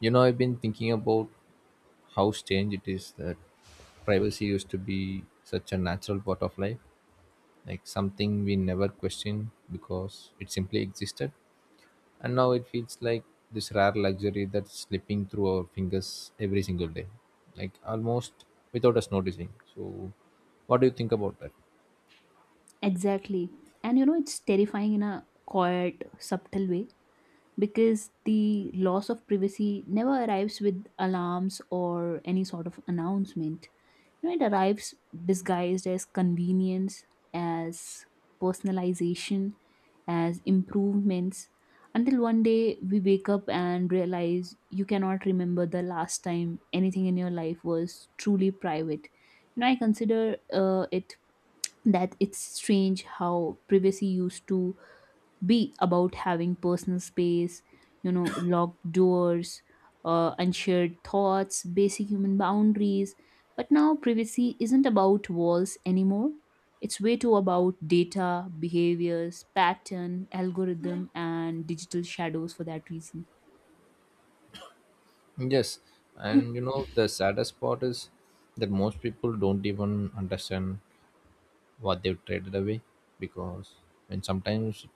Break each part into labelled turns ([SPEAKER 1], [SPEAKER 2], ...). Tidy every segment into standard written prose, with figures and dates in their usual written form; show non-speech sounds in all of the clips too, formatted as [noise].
[SPEAKER 1] You know, I've been thinking about how strange it is that privacy used to be such a natural part of life, like something we never questioned because it simply existed. And now it feels like this rare luxury that's slipping through our fingers every single day, like almost without us noticing. So, what do you think about that?
[SPEAKER 2] Exactly. And you know, it's terrifying in a quiet, subtle way because the loss of privacy never arrives with alarms or any sort of announcement. You know, it arrives disguised as convenience, as personalization, as improvements until one day we wake up and realize you cannot remember the last time anything in your life was truly private. You know, I consider it that it's strange how privacy used to be about having personal space, you know, locked doors, unshared thoughts, basic human boundaries. But now privacy isn't about walls anymore. It's way too about data, behaviors, pattern, algorithm, and digital shadows for that reason.
[SPEAKER 1] Yes, and you
[SPEAKER 2] [clears throat]
[SPEAKER 1] know, the saddest part is that most people don't even understand what they've traded away, because and sometimes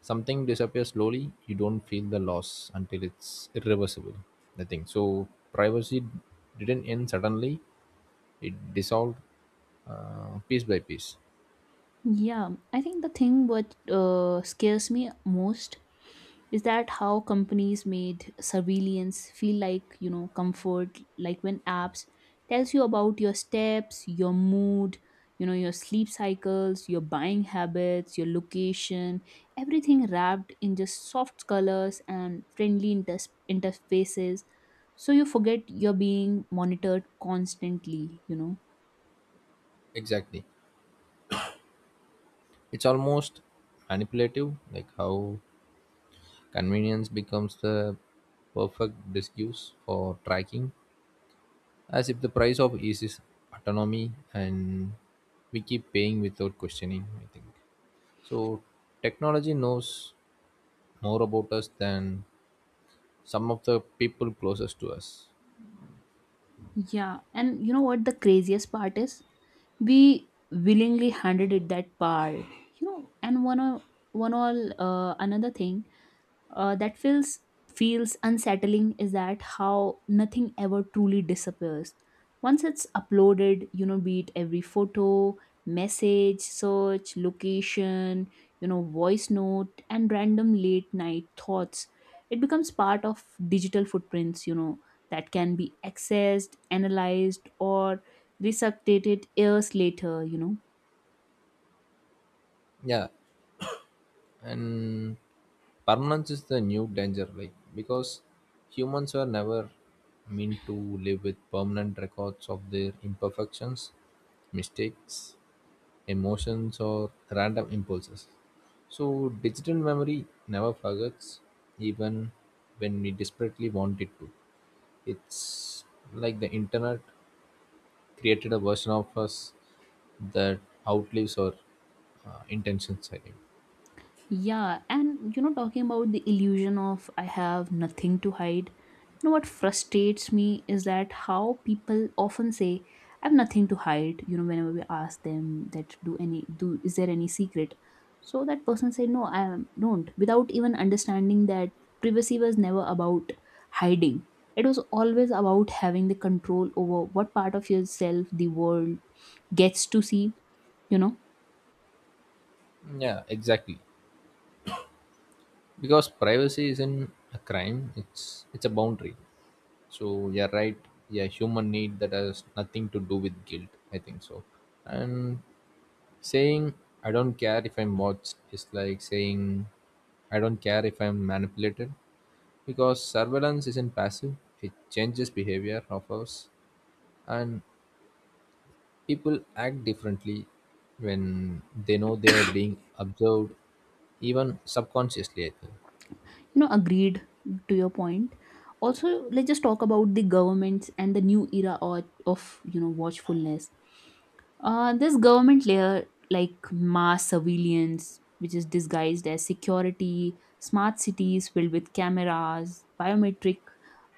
[SPEAKER 1] something disappears slowly, you don't feel the loss until it's irreversible, I think. So privacy didn't end suddenly, it dissolved piece by piece.
[SPEAKER 2] Yeah, I think the thing what scares me most is that how companies made surveillance feel like comfort, like when apps tells you about your steps, your mood, your sleep cycles, your buying habits, your location, everything wrapped in just soft colors and friendly inters interfaces, so you forget you're being monitored constantly.
[SPEAKER 1] Exactly. It's almost manipulative, like how convenience becomes the perfect excuse for tracking, as if the price of ease is autonomy, and we keep paying without questioning, I think. So technology knows more about us than some of the people closest to us.
[SPEAKER 2] Yeah, and you know what the craziest part is? We willingly handed it that part. You know, and one o- one all another thing that feels unsettling is that how nothing ever truly disappears once it's uploaded. Be it every photo, message, search, location, voice note, and random late night thoughts, it becomes part of digital footprints that can be accessed, analyzed, or resuscitated years later.
[SPEAKER 1] Yeah. And permanence is the new danger, like because humans were never meant to live with permanent records of their imperfections, mistakes, emotions, or random impulses. So digital memory never forgets, even when we desperately want it to. It's like the internet created a version of us that outlives our intentions, I think.
[SPEAKER 2] Yeah, and you know, talking about the illusion of I have nothing to hide, what frustrates me is that how people often say, I have nothing to hide, whenever we ask them that do any do is there any secret? So that person said, No, don't, without even understanding that privacy was never about hiding. It was always about having the control over what part of yourself the world gets to see, you know
[SPEAKER 1] Yeah, exactly, because privacy isn't a crime, it's a boundary. So, yeah, right. Yeah, human need that has nothing to do with guilt, I think. So, and saying I don't care if I'm watched is like saying I don't care if I'm manipulated, because surveillance isn't passive, it changes behavior of us. And people act differently when they know they are being observed, even subconsciously, I think.
[SPEAKER 2] Agreed to your point. Also, let's just talk about the governments and the new era of watchfulness. This government layer, like mass surveillance, which is disguised as security, smart cities filled with cameras, biometric,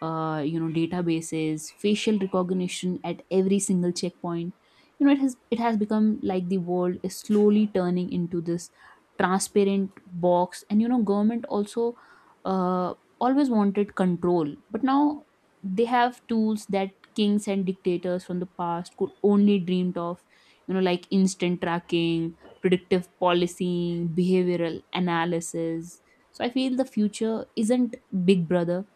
[SPEAKER 2] databases, facial recognition at every single checkpoint. You know, it has become like the world is slowly turning into this transparent box, and government also uh, always wanted control, but now they have tools that kings and dictators from the past could only dreamed of, like instant tracking, predictive policing, behavioral analysis. So I feel the future isn't Big Brother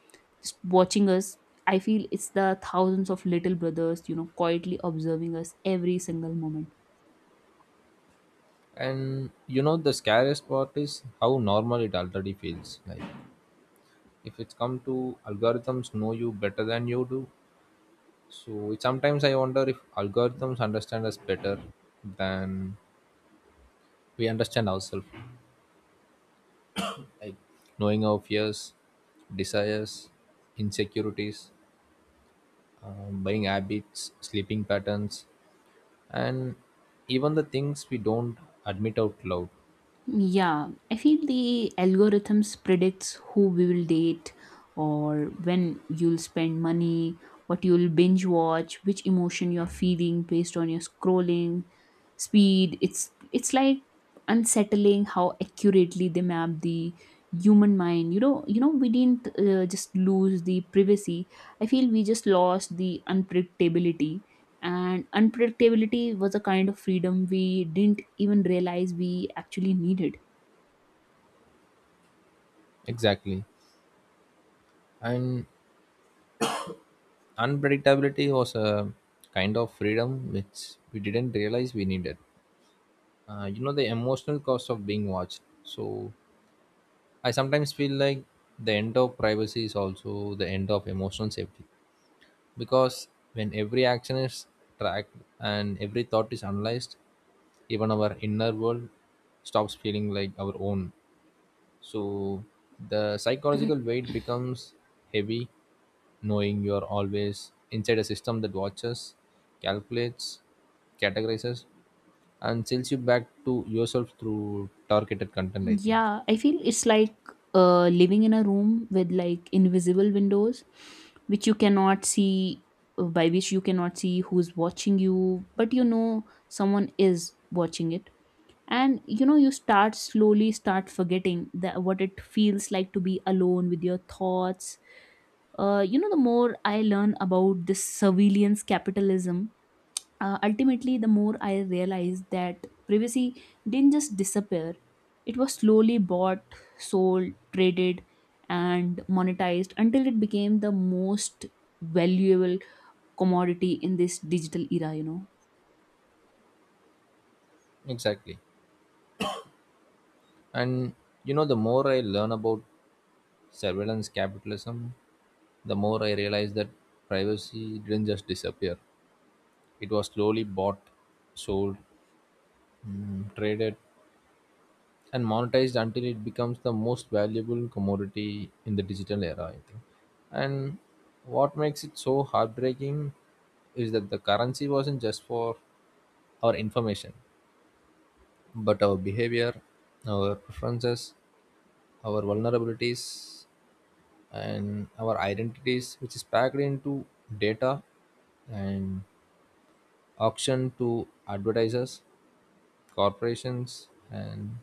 [SPEAKER 2] just watching us. I feel it's the thousands of little brothers, quietly observing us every single moment.
[SPEAKER 1] And you know, the scariest part is how normal it already feels. Like, if it's come to algorithms know you better than you do. So, it, sometimes I wonder if algorithms understand us better than we understand ourselves. Like, knowing our fears, desires, insecurities, buying habits, sleeping patterns, and even the things we don't admit out loud.
[SPEAKER 2] Yeah, I feel the algorithms predicts who we will date, or when you'll spend money, what you'll binge watch, which emotion you're feeling based on your scrolling speed. It's like unsettling how accurately they map the human mind. We didn't just lose the privacy. I feel we just lost the unpredictability, and unpredictability was a kind of freedom we didn't even realize we actually needed.
[SPEAKER 1] Exactly. And unpredictability was a kind of freedom which we didn't realize we needed. You know, the emotional cost of being watched. So I sometimes feel like the end of privacy is also the end of emotional safety, because when every action is tracked and every thought is analyzed, even our inner world stops feeling like our own. So the psychological weight becomes heavy, knowing you are always inside a system that watches, calculates, categorizes, and sells you back to yourself through targeted content, I think.
[SPEAKER 2] Yeah, I feel it's like living in a room with like invisible windows, which you cannot see by which you cannot see who's watching you, but you know someone is watching it. And you start slowly start forgetting that what it feels like to be alone with your thoughts. The more I learn about this surveillance capitalism, ultimately, the more I realized that privacy didn't just disappear, it was slowly bought, sold, traded, and monetized until it became the most valuable commodity in this digital era.
[SPEAKER 1] Exactly. And you know, the more I learn about surveillance capitalism, the more I realize that privacy didn't just disappear, it was slowly bought, sold, traded, and monetized until it becomes the most valuable commodity in the digital era, I think. And what makes it so heartbreaking is that the currency wasn't just for our information, but our behavior, our preferences, our vulnerabilities, and our identities, which is packed into data and auctioned to advertisers, corporations, and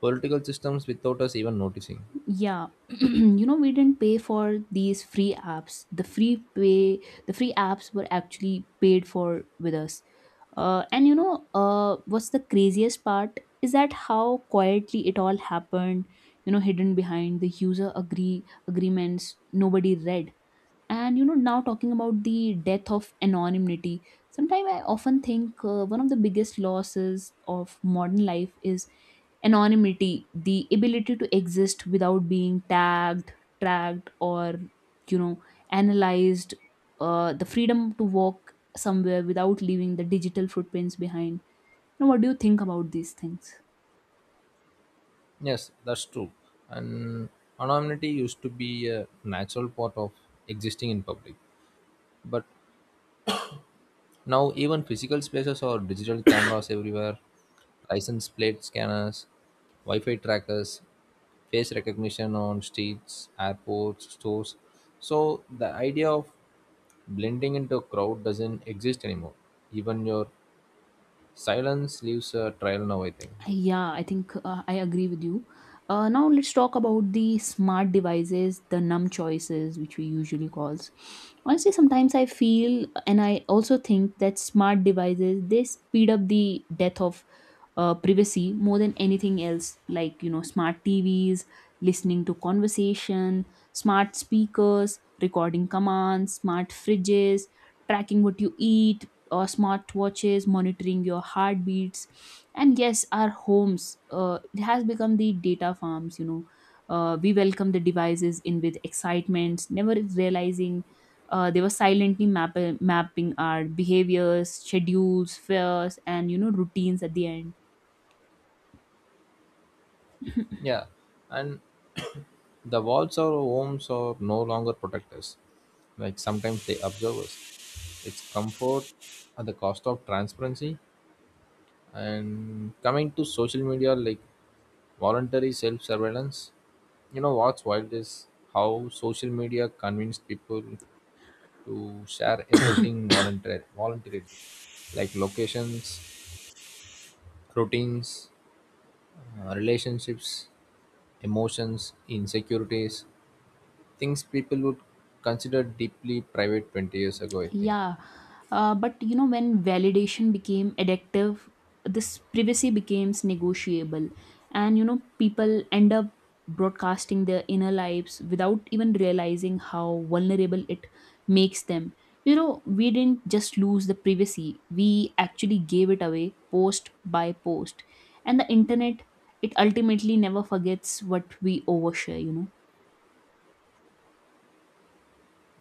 [SPEAKER 1] political systems without us even noticing.
[SPEAKER 2] Yeah, [clears throat] we didn't pay for these free apps. The free apps were actually paid for with us. And what's the craziest part is that how quietly it all happened. Hidden behind the user agreements nobody read. And now, talking about the death of anonymity, sometimes I often think one of the biggest losses of modern life is anonymity, the ability to exist without being tagged, tracked, or you know analyzed, the freedom to walk somewhere without leaving the digital footprints behind you. Know what do you think about these things?
[SPEAKER 1] Yes, that's true. And anonymity used to be a natural part of existing in public. But now, even physical spaces or digital cameras everywhere, license plate scanners, Wi Fi trackers, face recognition on streets, airports, stores. So, the idea of blending into a crowd doesn't exist anymore. Even your silence leaves a trail now, I think.
[SPEAKER 2] Yeah, I think I agree with you. Now let's talk about the smart devices, the numb choices, which we usually calls. Honestly, sometimes I feel, and I also think that smart devices they speed up the death of privacy more than anything else. Like smart TVs listening to conversation, smart speakers recording commands, smart fridges tracking what you eat, or smart watches monitoring your heartbeats. And yes, our homes, it has become the data farms. We welcome the devices in with excitement, never realizing they were silently mapping our behaviors, schedules, fears, and routines at the end.
[SPEAKER 1] Yeah, and [coughs] the walls or homes are no longer protect us. Like sometimes they observe us. It's comfort at the cost of transparency. And coming to social media, like voluntary self surveillance, you know what's wild is how social media convinced people to share everything voluntarily, like locations, routines, relationships, emotions, insecurities, things people would consider deeply private 20 years ago, I think.
[SPEAKER 2] Yeah, but when validation became addictive, this privacy becomes negotiable, and people end up broadcasting their inner lives without even realizing how vulnerable it makes them. We didn't just lose the privacy, we actually gave it away post by post, and the internet it ultimately never forgets what we overshare.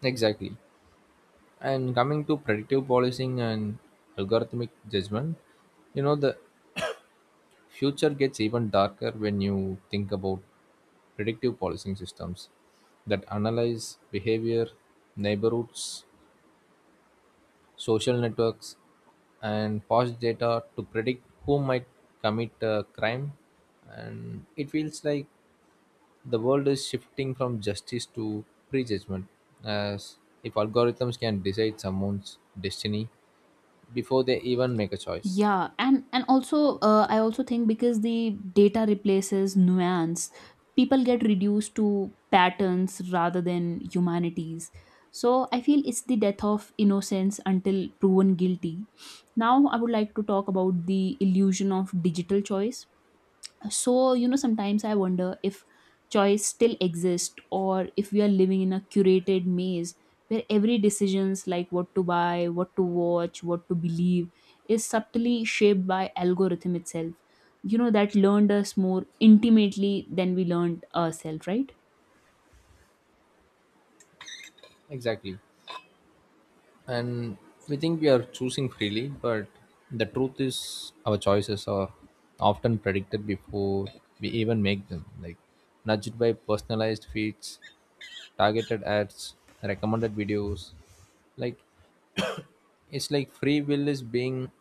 [SPEAKER 1] Exactly. And coming to predictive policing and algorithmic judgment, you know, the future gets even darker when you think about predictive policing systems that analyze behavior, neighborhoods, social networks, and past data to predict who might commit a crime. And it feels like the world is shifting from justice to prejudgment, as if algorithms can decide someone's destiny before they even make a choice.
[SPEAKER 2] Yeah, and also, I also think because the data replaces nuance, people get reduced to patterns rather than humanities. So I feel it's the death of innocence until proven guilty. Now I would like to talk about the illusion of digital choice. So, sometimes I wonder if choice still exists, or if we are living in a curated maze where every decisions, like what to buy, what to watch, what to believe, is subtly shaped by algorithm itself, that learned us more intimately than we learned ourselves, right?
[SPEAKER 1] Exactly. And we think we are choosing freely, but the truth is our choices are often predicted before we even make them, like nudged by personalized feeds, targeted ads, recommended videos. Like, it's like free will is being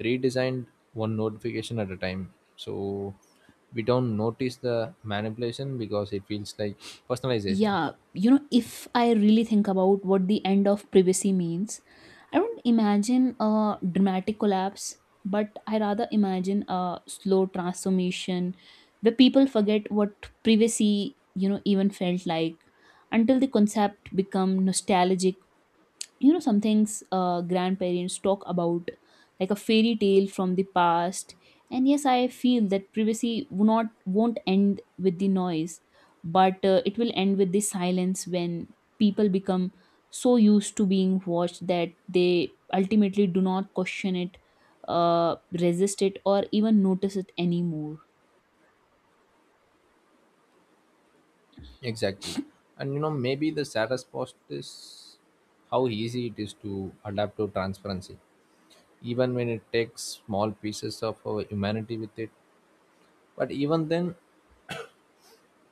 [SPEAKER 1] redesigned one notification at a time. So we don't notice the manipulation because it feels like personalization.
[SPEAKER 2] Yeah, if I really think about what the end of privacy means, I don't imagine a dramatic collapse, but I rather imagine a slow transformation where people forget what privacy even felt like, until the concept become nostalgic, some things grandparents talk about, like a fairy tale from the past. And yes, I feel that privacy will not won't end with the noise, but it will end with the silence when people become so used to being watched that they ultimately do not question it, resist it, or even notice it anymore.
[SPEAKER 1] Exactly. And you know, maybe the saddest part is how easy it is to adapt to transparency, even when it takes small pieces of our humanity with it. But even then,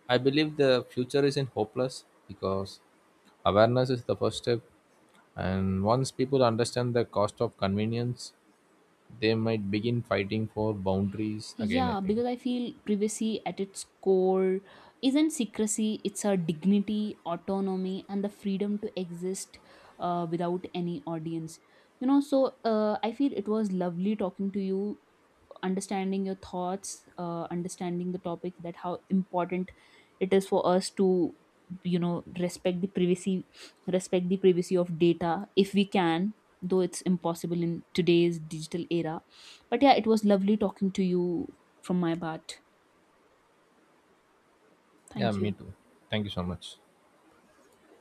[SPEAKER 1] I believe the future isn't hopeless, because awareness is the first step. And once people understand the cost of convenience, they might begin fighting for boundaries again, I
[SPEAKER 2] Yeah,
[SPEAKER 1] think.
[SPEAKER 2] because I feel privacy at its core isn't secrecy, it's our dignity, autonomy, and the freedom to exist without any audience. So I feel it was lovely talking to you, understanding your thoughts, understanding the topic that how important it is for us to you know respect the privacy respect the privacy of data if we can, though it's impossible in today's digital era. But yeah, it was lovely talking to you from my part.
[SPEAKER 1] Yeah,
[SPEAKER 2] Thank
[SPEAKER 1] me
[SPEAKER 2] you.
[SPEAKER 1] too. Thank you so much.